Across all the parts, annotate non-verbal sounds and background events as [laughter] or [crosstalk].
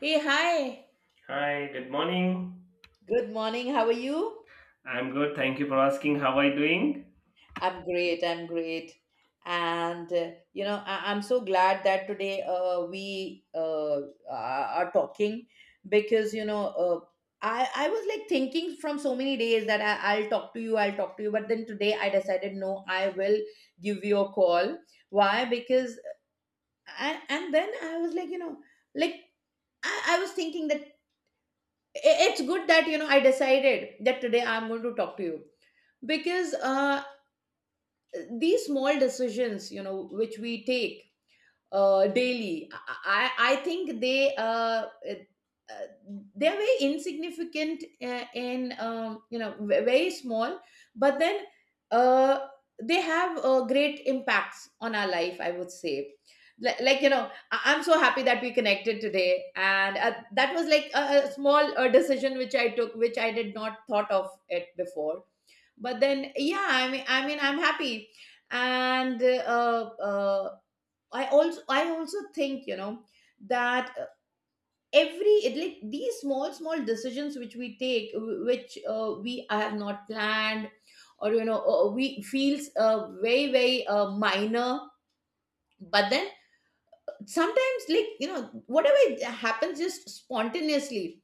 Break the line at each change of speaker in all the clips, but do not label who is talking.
Hey, hi.
Hi, good morning.
Good morning. How are you?
I'm good. Thank you for asking. How are you doing?
I'm great. I'm great. And I'm so glad that today we are talking, because I was like thinking from so many days that I'll talk to you, but then today I decided no, I will give you a call. Why? Because and then I was like, like I was thinking that it's good that I decided that today I'm going to talk to you, because these small decisions, which we take daily, I think they, uh, they're very insignificant, in, very small, but then uh, they have great impacts on our life, I would say. Like, I'm so happy that we connected today, and that was like a small decision which I took, which I did not thought of it before. But then, yeah, I mean, I'm happy. And I also think, you know, that every it, like, these small small decisions which we take, which we have not planned, or, you know, we feels very very minor. But then sometimes, like, you know, whatever it happens just spontaneously,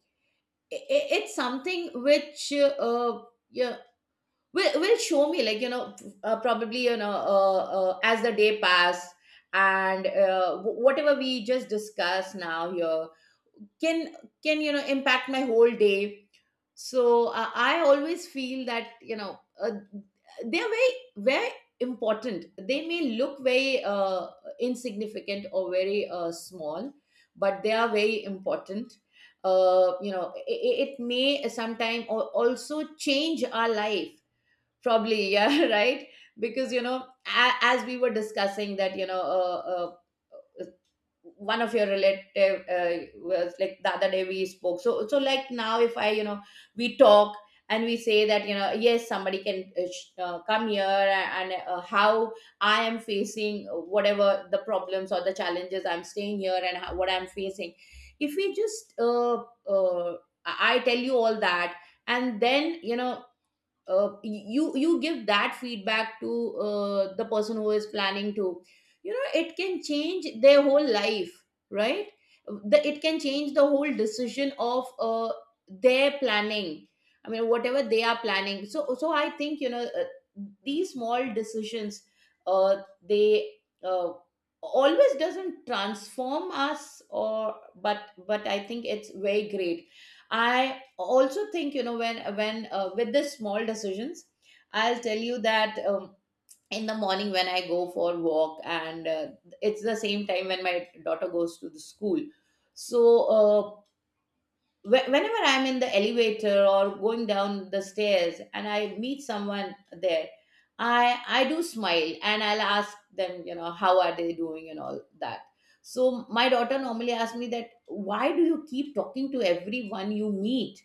it's something which, yeah, will show me, like, you know, probably, you know, as the day pass, and whatever we just discussed now here can impact my whole day. So I always feel that, you know, they're very very important. They may look very insignificant or very small, but they are very important. It may sometime also change our life. Probably, yeah, [laughs] right? Because, you know, as we were discussing that, uh, one of your relative was like the other day we spoke. So, like now, if I, we talk and we say that, yes, somebody can come here, and how I am facing whatever the problems or the challenges, I'm staying here, and how, what I'm facing. If we just, uh, I tell you all that, and then, you give that feedback to the person who is planning to, you know, it can change their whole life, right? It can change the whole decision of their planning, I mean, whatever they are planning. So, I think, you know, these small decisions, uh, they uh, always doesn't transform us, or but I think it's very great. I also think, you know, when with the small decisions, I'll tell you that, in the morning when I go for walk, and it's the same time when my daughter goes to the school. So whenever I'm in the elevator or going down the stairs and I meet someone there, I do smile and I'll ask them, you know, how are they doing, and all that. So my daughter normally asks me, that why do you keep talking to everyone you meet?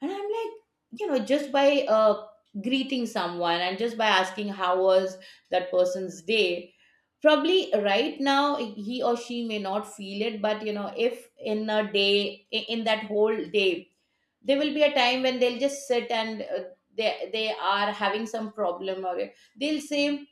And I'm like, you know, just by greeting someone and just by asking how was that person's day, probably right now he or she may not feel it, but you know, if in a day, in that whole day, there will be a time when they'll just sit, and they are having some problem, or they'll say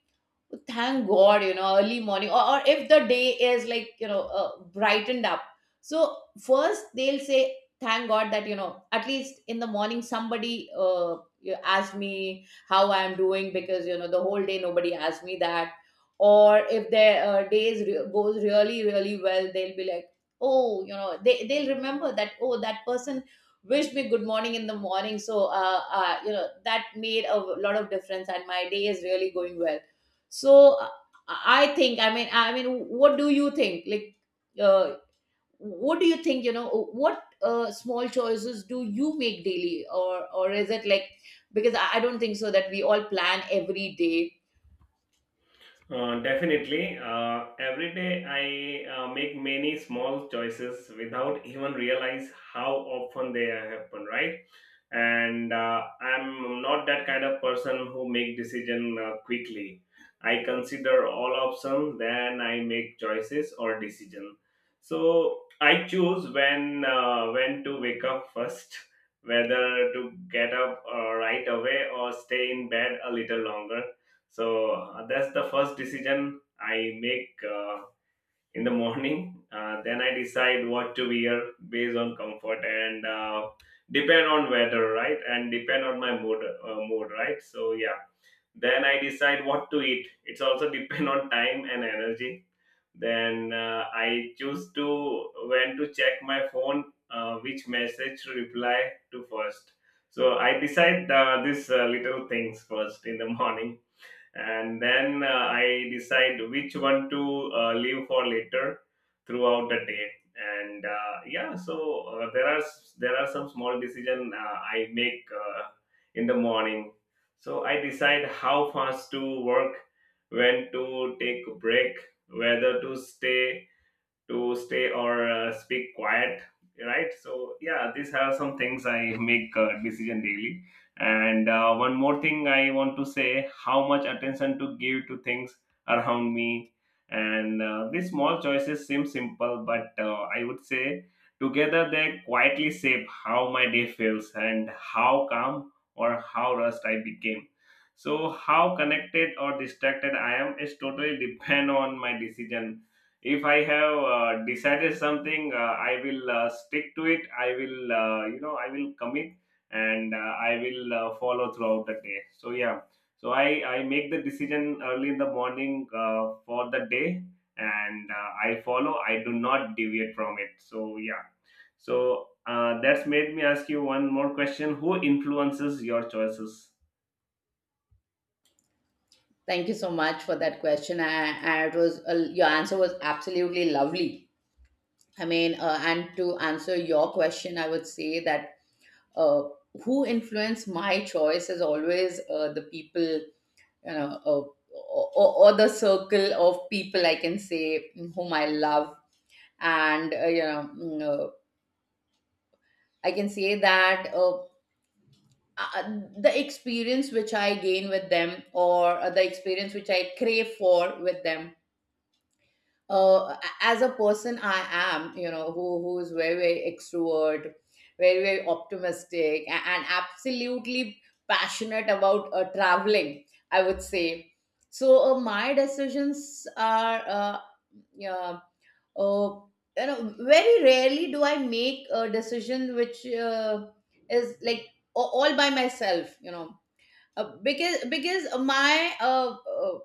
thank god, you know, early morning, or if the day is, like, you know, brightened up. So first they'll say thank god that, you know, at least in the morning somebody, you asked me how I'm doing, because, you know, the whole day nobody asked me that. Or if their days goes really really well, they'll be like, oh, you know, they'll remember that, oh, that person wished me good morning in the morning, so, you know, that made a lot of difference and my day is really going well. So I think, I mean, what do you think, like uh, what do you think, you know, what small choices do you make daily? Or is it like, because I don't think so that we all plan every day.
Definitely. Every day I make many small choices without even realize how often they happen, right? And I'm not that kind of person who make decision quickly. I consider all options, then I make choices or decision. So I choose when to wake up first, whether to get up right away or stay in bed a little longer so that's the first decision I make in the morning. Then I decide what to wear based on comfort and depend on weather, right? And depend on my mood, right? So yeah. Then I decide what to eat. It's also [laughs] depend on time and energy. Then I choose to when to check my phone, which message to reply to first. So I decide these little things first in the [laughs] morning and then I decide which one to leave for later throughout the day. And yeah, so there are there are some small decision I make in the morning. So I decide how fast to work, when to take a break, whether to stay or speak quiet, right? So yeah, these are some things I make decision daily. And one more thing I want to say, how much attention to give to things around me. And these small choices seem simple, but I would say together they quietly shape how my day feels and how calm or how rust I became. So how connected or distracted I am is totally depend on my decision. If I have decided something, I will stick to it. I will, you know, I will commit and I will follow throughout the day. So yeah, so I make the decision early in the morning for the day, and I follow, I do not deviate from it. So yeah, so that's made me ask you one more question: who influences your choices?
Thank you so much for that question. I it was, your answer was absolutely lovely. I mean, and to answer your question, I would say that uh, who influence my choice is always the people, you know, or the circle of people, I can say, whom I love. And I can say that, uh, uh, the experience which I gain with them, or the experience which I crave for with them. As a person, I am, you know, who is very very extrovert, very very optimistic, and, absolutely passionate about traveling, I would say. So my decisions are, yeah, uh, you know, very rarely do I make a decision which is, like, all by myself, you know. Because my,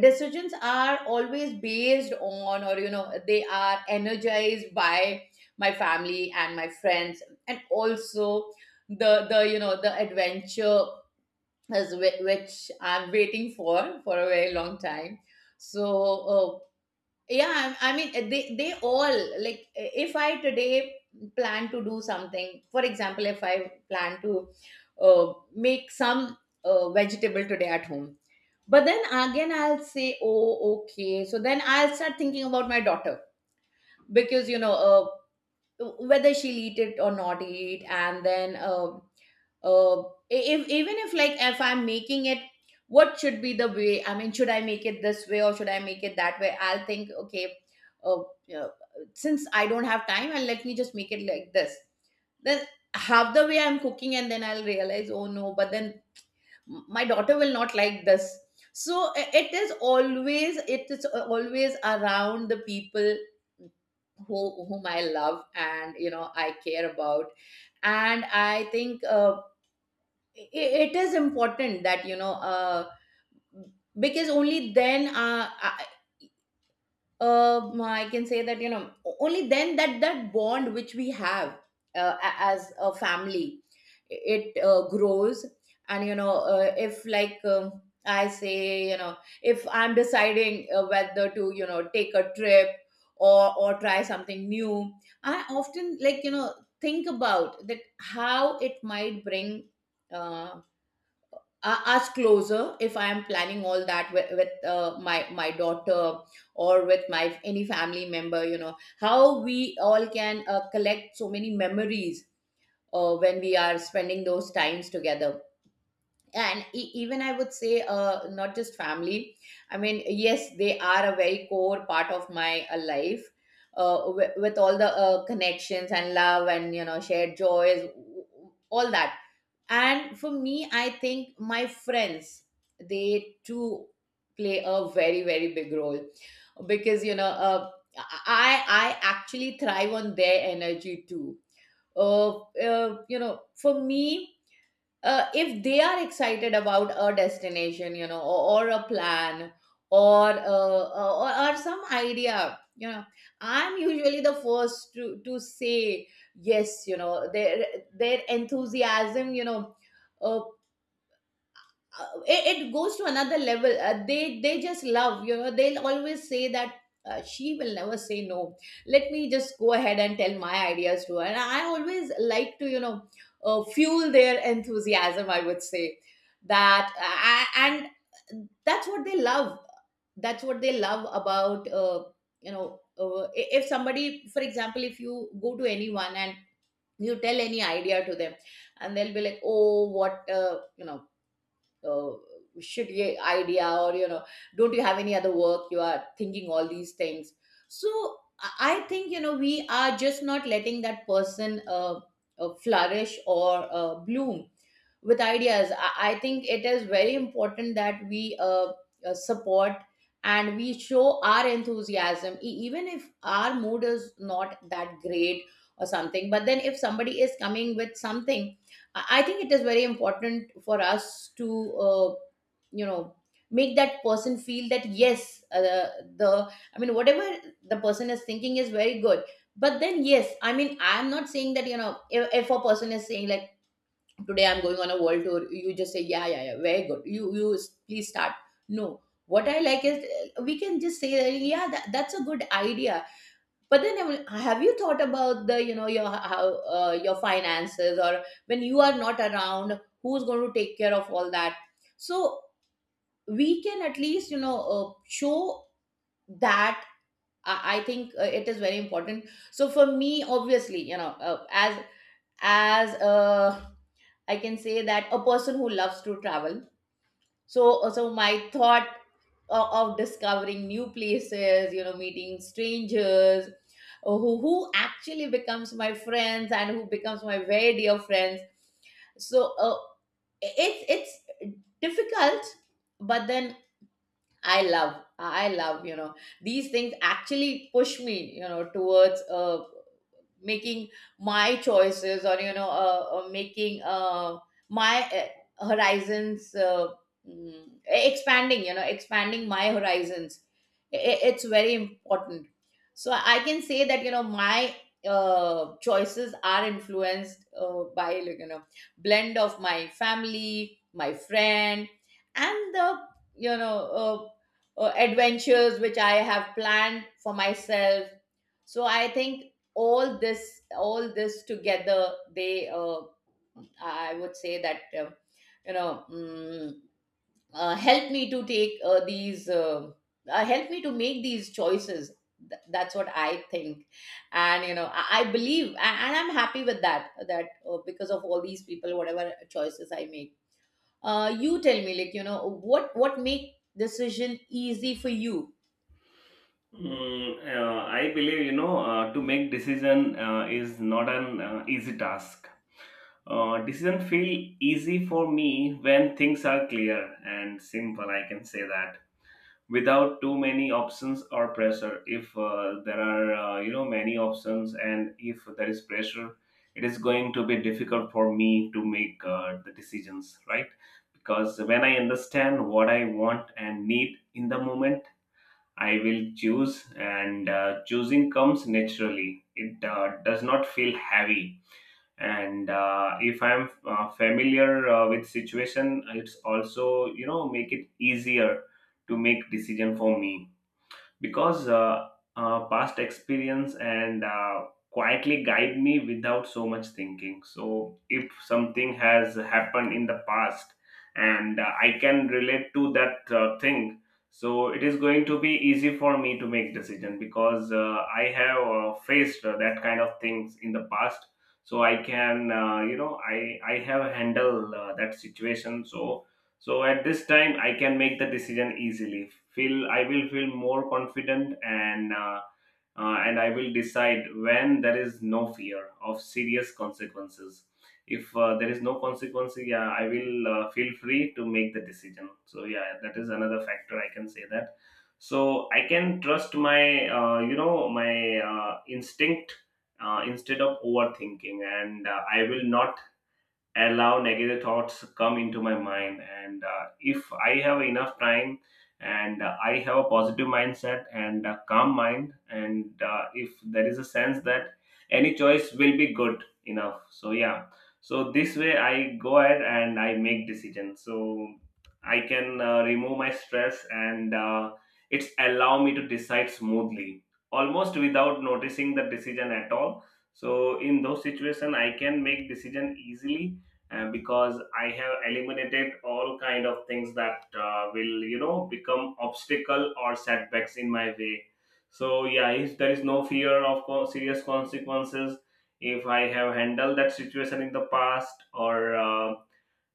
decisions are always based on, or, you know, they are energized by my family and my friends, and also the, you know, the adventure, as which I'm waiting for a very long time, so... uh, yeah, I mean, they all, like, if I today plan to do something, for example, if I plan to make some vegetable today at home, but then again, I'll say, oh, okay. So then I'll start thinking about my daughter, because, you know, whether she'll eat it or not eat. And then, uh, if, even if, like, if I'm making it, what should be the way? I mean, should I make it this way or should I make it that way? I'll think, okay, uh, uh, since I don't have time, and let me just make it like this. Then half the way I'm cooking, and then I'll realize, oh no, but then my daughter will not like this. So it is always around the people who, whom I love, and, you know, I care about. And I think, it is important that, you know, because only then, I can say that, you know, only then that bond which we have as a family, it grows. And, you know, if, like, I say, you know, if I'm deciding whether to, you know, take a trip or try something new, I often, like, you know, think about that, how it might bring uh, us closer, if I am planning all that with my daughter, or with my any family member, you know, how we all can collect so many memories when we are spending those times together. And even, I would say, not just family. I mean, yes, they are a very core part of my life, with all the connections and love and, you know, shared joys, all that. And for me, I think my friends, they too play a very, very big role, because, you know, I actually thrive on their energy too. You know, for me, if they are excited about a destination, you know, or a plan, or some idea, you know, I'm usually the first to say yes. You know, their enthusiasm, you know, uh, it goes to another level. They just love, you know, they'll always say that, she will never say no, let me just go ahead and tell my ideas to her. And I always like to, you know, fuel their enthusiasm, I would say. And that's what they love, that's what they love about. You know, if somebody, for example, if you go to anyone and you tell any idea to them, and they'll be like, oh what, uh, shitty idea, or, you know, don't you have any other work, you are thinking all these things. So i I think, you know, we are just not letting that person flourish, or bloom with ideas. I think it is very important that we support and we show our enthusiasm, even if our mood is not that great or something. But then, if somebody is coming with something, I think it is very important for us to, you know, make that person feel that yes, whatever the person is thinking is very good. But then, yes, I mean, I'm not saying that, you know, if a person is saying like, today I'm going on a world tour you just say yeah very good please start. No, what I like is, we can just say that, yeah that's a good idea. But then have you thought about the, you know, your how, your finances, or when you are not around who's going to take care of all that? So we can at least, you know, show that. I think it is very important. So for me, obviously, you know, as a I can say, that a person who loves to travel. So, so my thought of discovering new places, you know, meeting strangers, who actually becomes my friends and who becomes my very dear friends. So, it's difficult, but then I love, you know, these things actually push me, you know, towards, making my choices, or you know, making, my, horizons, expanding, you know, expanding my horizons. It's very important. So I can say that, you know, my, choices are influenced, by, like, you know, blend of my family, my friend, and the, you know, adventures which I have planned for myself. So I think all this together, they, I would say that, you know, help me to take, these help me to make these choices. That's what I think. And, you know, I believe, and I'm happy with that, that, because of all these people, whatever choices I make. You tell me, like, you know, what make decision easy for you?
I believe, you know, to make decision is not an easy task. Decision feel easy for me when things are clear and simple. I can say that without too many options or pressure. If there are, you know, many options and if there is pressure, it is going to be difficult for me to make the decisions, right? Because when I understand what I want and need in the moment, I will choose, and choosing comes naturally. It does not feel heavy. And if I'm familiar with situation, it's also, you know, make it easier to make decision for me, because past experience and quietly guide me without so much thinking. So if something has happened in the past and I can relate to that thing, so it is going to be easy for me to make decision because I have faced that kind of things in the past. So I can, you know, I have handled that situation. So so at this time I can make the decision easily. Feel I will feel more confident, and I will decide when there is no fear of serious consequences. If there is no consequence, yeah, I will feel free to make the decision. So yeah, that is another factor I can say that. So I can trust my, you know, my instinct instead of overthinking, and I will not allow negative thoughts come into my mind. And if I have enough time and I have a positive mindset and a calm mind, and if there is a sense that any choice will be good enough, so yeah, so this way I go ahead and I make decisions. So I can remove my stress, and it's allow me to decide smoothly almost without noticing the decision at all. So in those situation I can make decision easily, because I have eliminated all kind of things that will, you know, become obstacle or setbacks in my way. So yeah, if there is no fear of serious consequences, if I have handled that situation in the past, or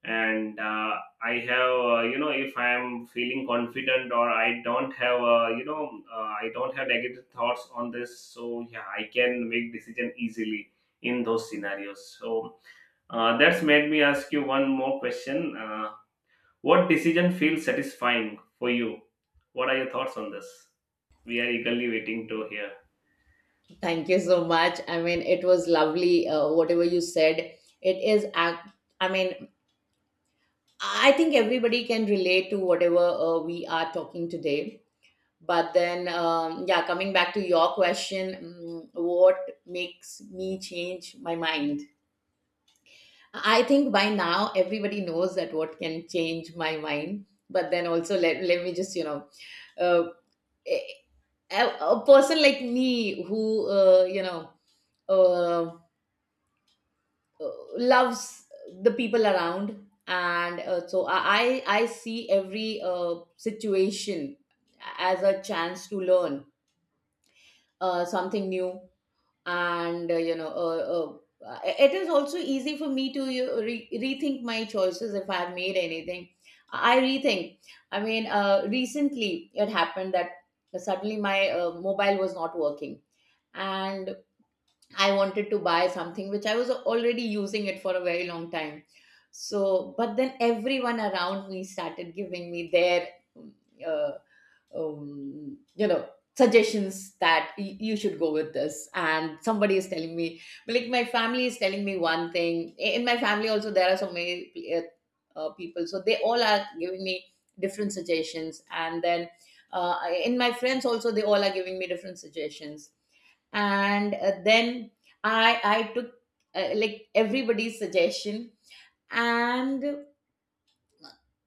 and I have, you know, if I am feeling confident or I don't have, you know, I don't have negative thoughts on this, so yeah, I can make decision easily in those scenarios. So that's made me ask you one more question. What decision feels satisfying for you? What are your thoughts on this? We are eagerly waiting to hear.
Thank you so much. I mean, it was lovely. Whatever you said, it is. ac- I mean, I think everybody can relate to whatever we are talking today. But then, yeah, coming back to your question, what makes me change my mind? I think by now everybody knows that what can change my mind. But then also, let me just, you know, uh, a, a person like me who, you know, uh, uh, loves the people around. And, so I see every, situation as a chance to learn, something new. And, you know, it is also easy for me to, you know, rethink my choices if I have made anything. I rethink. I mean, recently it happened that suddenly my, mobile was not working, and I wanted to buy something which I was already using it for a very long time. So, but then everyone around me started giving me their, uh, you know, suggestions, that you should go with this. And somebody is telling me, like, my family is telling me one thing. In my family also there are so many, people, so they all are giving me different suggestions. And then, uh, in my friends also they all are giving me different suggestions. And, then i took, like, everybody's suggestion, and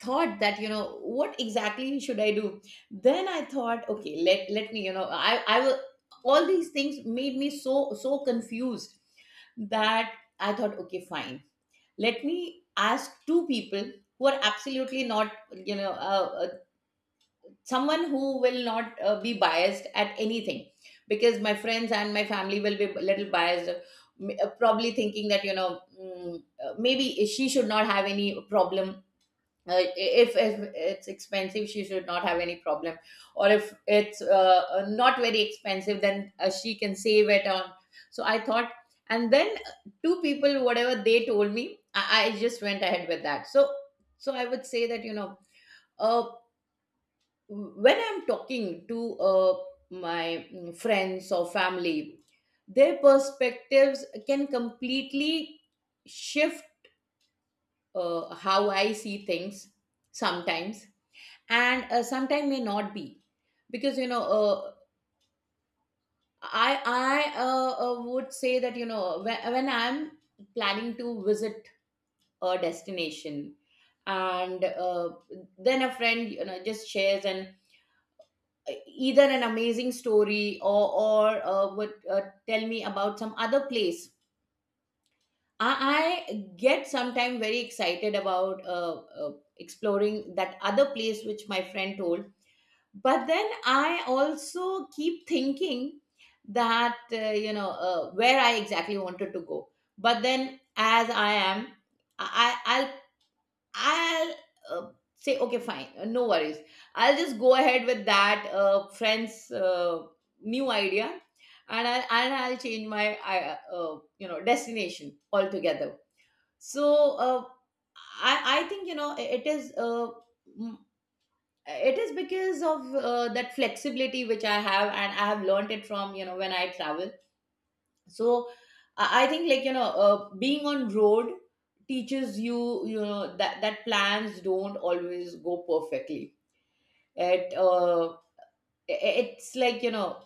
thought that, you know, what exactly should I do. Then I thought, okay, let me, you know, i will, all these things made me so confused that I thought, okay, fine, let me ask two people who are absolutely not, you know, someone who will not, be biased at anything, because my friends and my family will be a little biased. Probably thinking that, you know, maybe she should not have any problem, if it's expensive she should not have any problem, or if it's, not very expensive, then, she can save it on. So I thought, and then, two people whatever they told me, I just went ahead with that. So so I would say that, you know, uh, when I'm talking to, my friends or family, their perspectives can completely shift, how I see things sometimes. And, sometime may not be, because, you know, I would say that, you know, when I'm planning to visit a destination. And, then a friend, you know, just shares an, either an amazing story, or, would, tell me about some other place. I get sometimes very excited about, exploring that other place which my friend told. But then I also keep thinking that, you know, where I exactly wanted to go. But then, as I am, I I'll uh, say, okay, fine, no worries, I'll just go ahead with that, friend's, new idea. And I'll change my you know, destination altogether. So, i i think, you know, it is because of, that flexibility which I have, and I have learned it from, you know, when I travel. So I think, like, you know, being on road teaches you, you know, that plans don't always go perfectly. it uh, it's like, you know,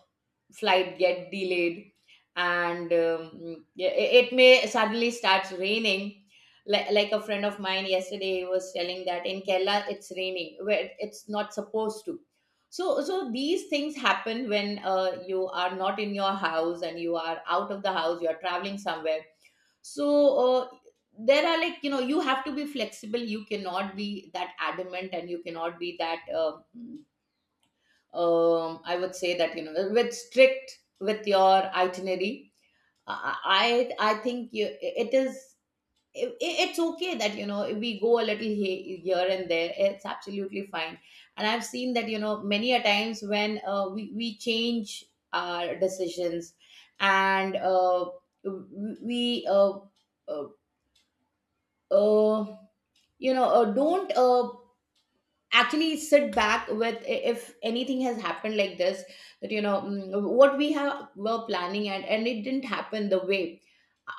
flight get delayed. And, yeah, it may suddenly starts raining. Like a friend of mine yesterday was telling that in Kerala it's raining where it's not supposed to. So so these things happen when, you are not in your house and you are out of the house, you are traveling somewhere. So, uh, there are, like, you know, you have to be flexible. You cannot be that adamant, and you cannot be that, I would say that, you know, with strict with your itinerary. I think it is, it's okay that, you know, we go a little here and there. It's absolutely fine. And I've seen that, you know, many a times when, we change our decisions. And, we uh, uh, you know, don't. Actually sit back with, if anything has happened like this, that, you know, what we have were planning, and it didn't happen the way.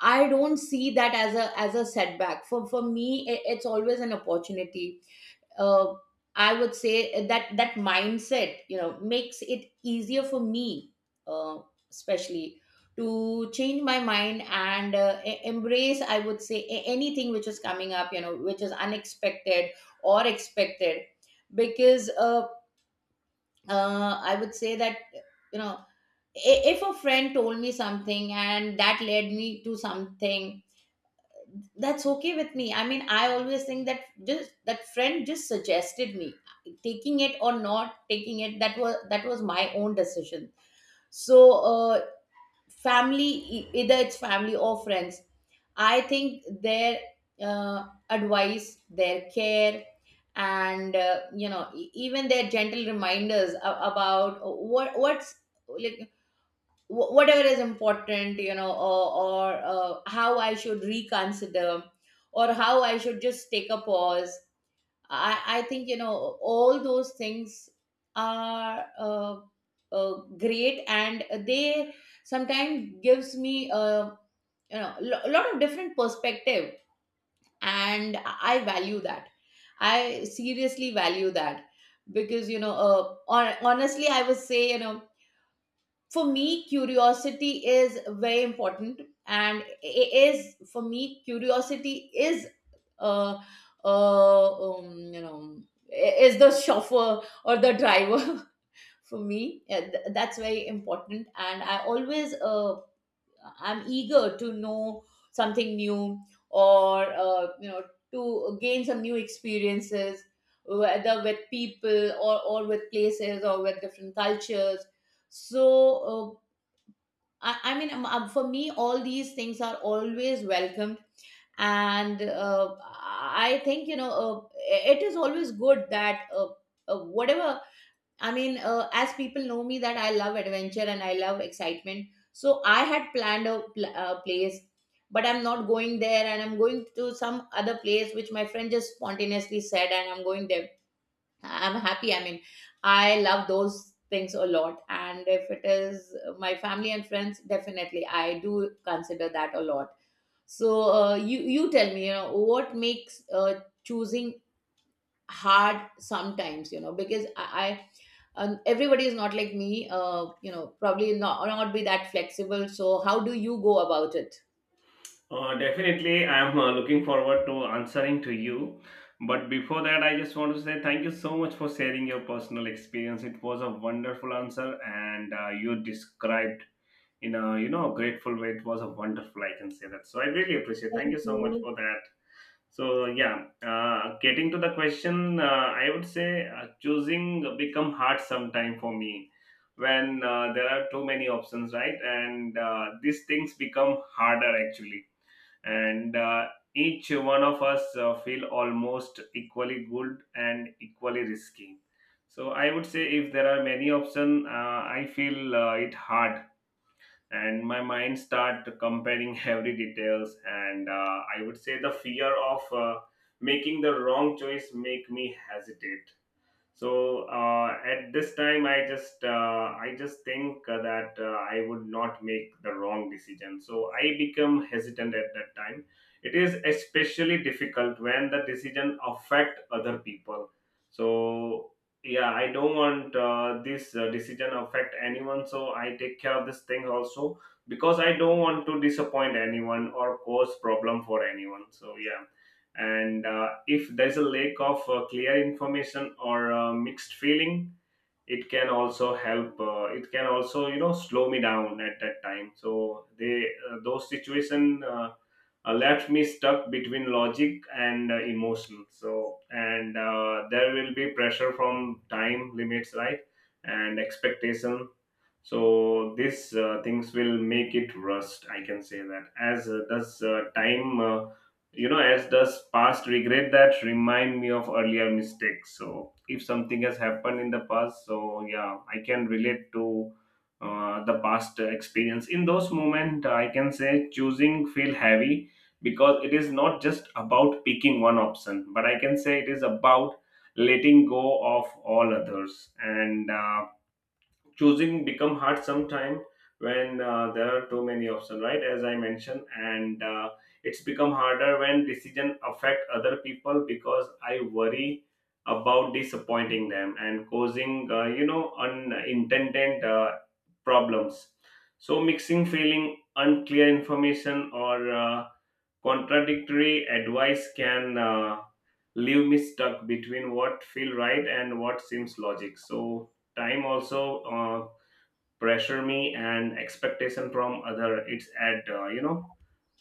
I don't see that as a setback for me. It's always an opportunity. uh, I would say that that mindset, you know, makes it easier for me, uh, especially to change my mind, and, embrace, I would say, anything which is coming up, you know, which is unexpected or expected. Because, I would say that, you know, if a friend told me something and that led me to something, that's okay with me. I mean, I always think that just that friend just suggested me. Taking it or not taking it, that was my own decision. So, family, either it's family or friends, I think their, advice, their care, and, you know, even their gentle reminders about what's like, whatever is important, you know, or, how I should reconsider, or how I should just take a pause. I think, you know, all those things are, great, and they sometimes gives me, you know, a lot of different perspective. And I value that. I seriously value that. Because, you know, honestly, I would say, you know, for me curiosity is very important. And it is, for me curiosity is, uh, you know, is the chauffeur or the driver [laughs] for me. Yeah, that's very important. And I always, I'm eager to know something new, or, you know, to gain some new experiences, whether with people, or with places, or with different cultures. So, uh, I mean, for me, all these things are always welcomed. And, I think, you know, it is always good that, whatever, I mean, as people know me, that I love adventure and I love excitement. So I had planned a place, but I'm not going there, and I'm going to some other place which my friend just spontaneously said, and I'm going there. I'm happy. I mean, I love those things a lot. And if it is my family and friends, definitely I do consider that a lot. So, you tell me, you know, what makes, choosing hard sometimes, you know, because I everybody is not like me, you know, probably not be that flexible. So how do you go about it?
Definitely, I am looking forward to answering to you. But before that, I just want to say thank you so much for sharing your personal experience. It was a wonderful answer, and you described in a, you know, grateful way. It was a wonderful, I can say that. So I really appreciate. Thank you
Thank
so much
you.
for that. So yeah, getting to the question, I would say choosing become hard sometime for me when there are too many options, right? And these things become harder actually, and each one of us feel almost equally good and equally risky. So I would say if there are many options, I feel it hard, and my mind start comparing [laughs] every details. And I would say the fear of making the wrong choice make me hesitate. So at this time I just think that I would not make the wrong decision, so I become hesitant at that time. It is especially difficult when the decision affect other people. So yeah, I don't want this decision affect anyone, so I take care of this thing also, because I don't want to disappoint anyone or cause problem for anyone. So yeah, and if there's a lack of clear information or mixed feeling, it can also help, it can also, you know, slow me down at that time. So they those situation left me stuck between logic and emotion. So and there will be pressure from time limits, right? And expectation. So these things will make it rust, I can say that, as does time, you know, as does past regret that remind me of earlier mistakes. So if something has happened in the past, so yeah, I can relate to the past experience. In those moments I can say choosing feel heavy, because it is not just about picking one option, but I can say it is about letting go of all others. And choosing become hard sometime when there are too many options, right, as I mentioned. And it's become harder when decision affect other people, because I worry about disappointing them and causing, you know, unintended problems. So mixing feeling, unclear information, or contradictory advice can leave me stuck between what feel right and what seems logic. So time also uh, pressure me, and expectation from other, it's add, you know,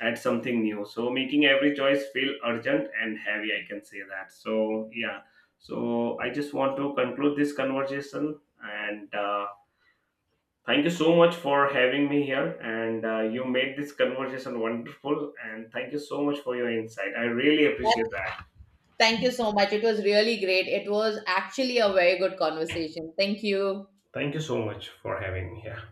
add something new, so making every choice feel urgent and heavy, I can say that. So yeah, so I just want to conclude this conversation and thank you so much for having me here, and you made this conversation wonderful, and thank you so much for your insight. I really appreciate that.
Thank you so much. It was really great. It was actually a very good conversation. Thank you.
Thank you so much for having me here.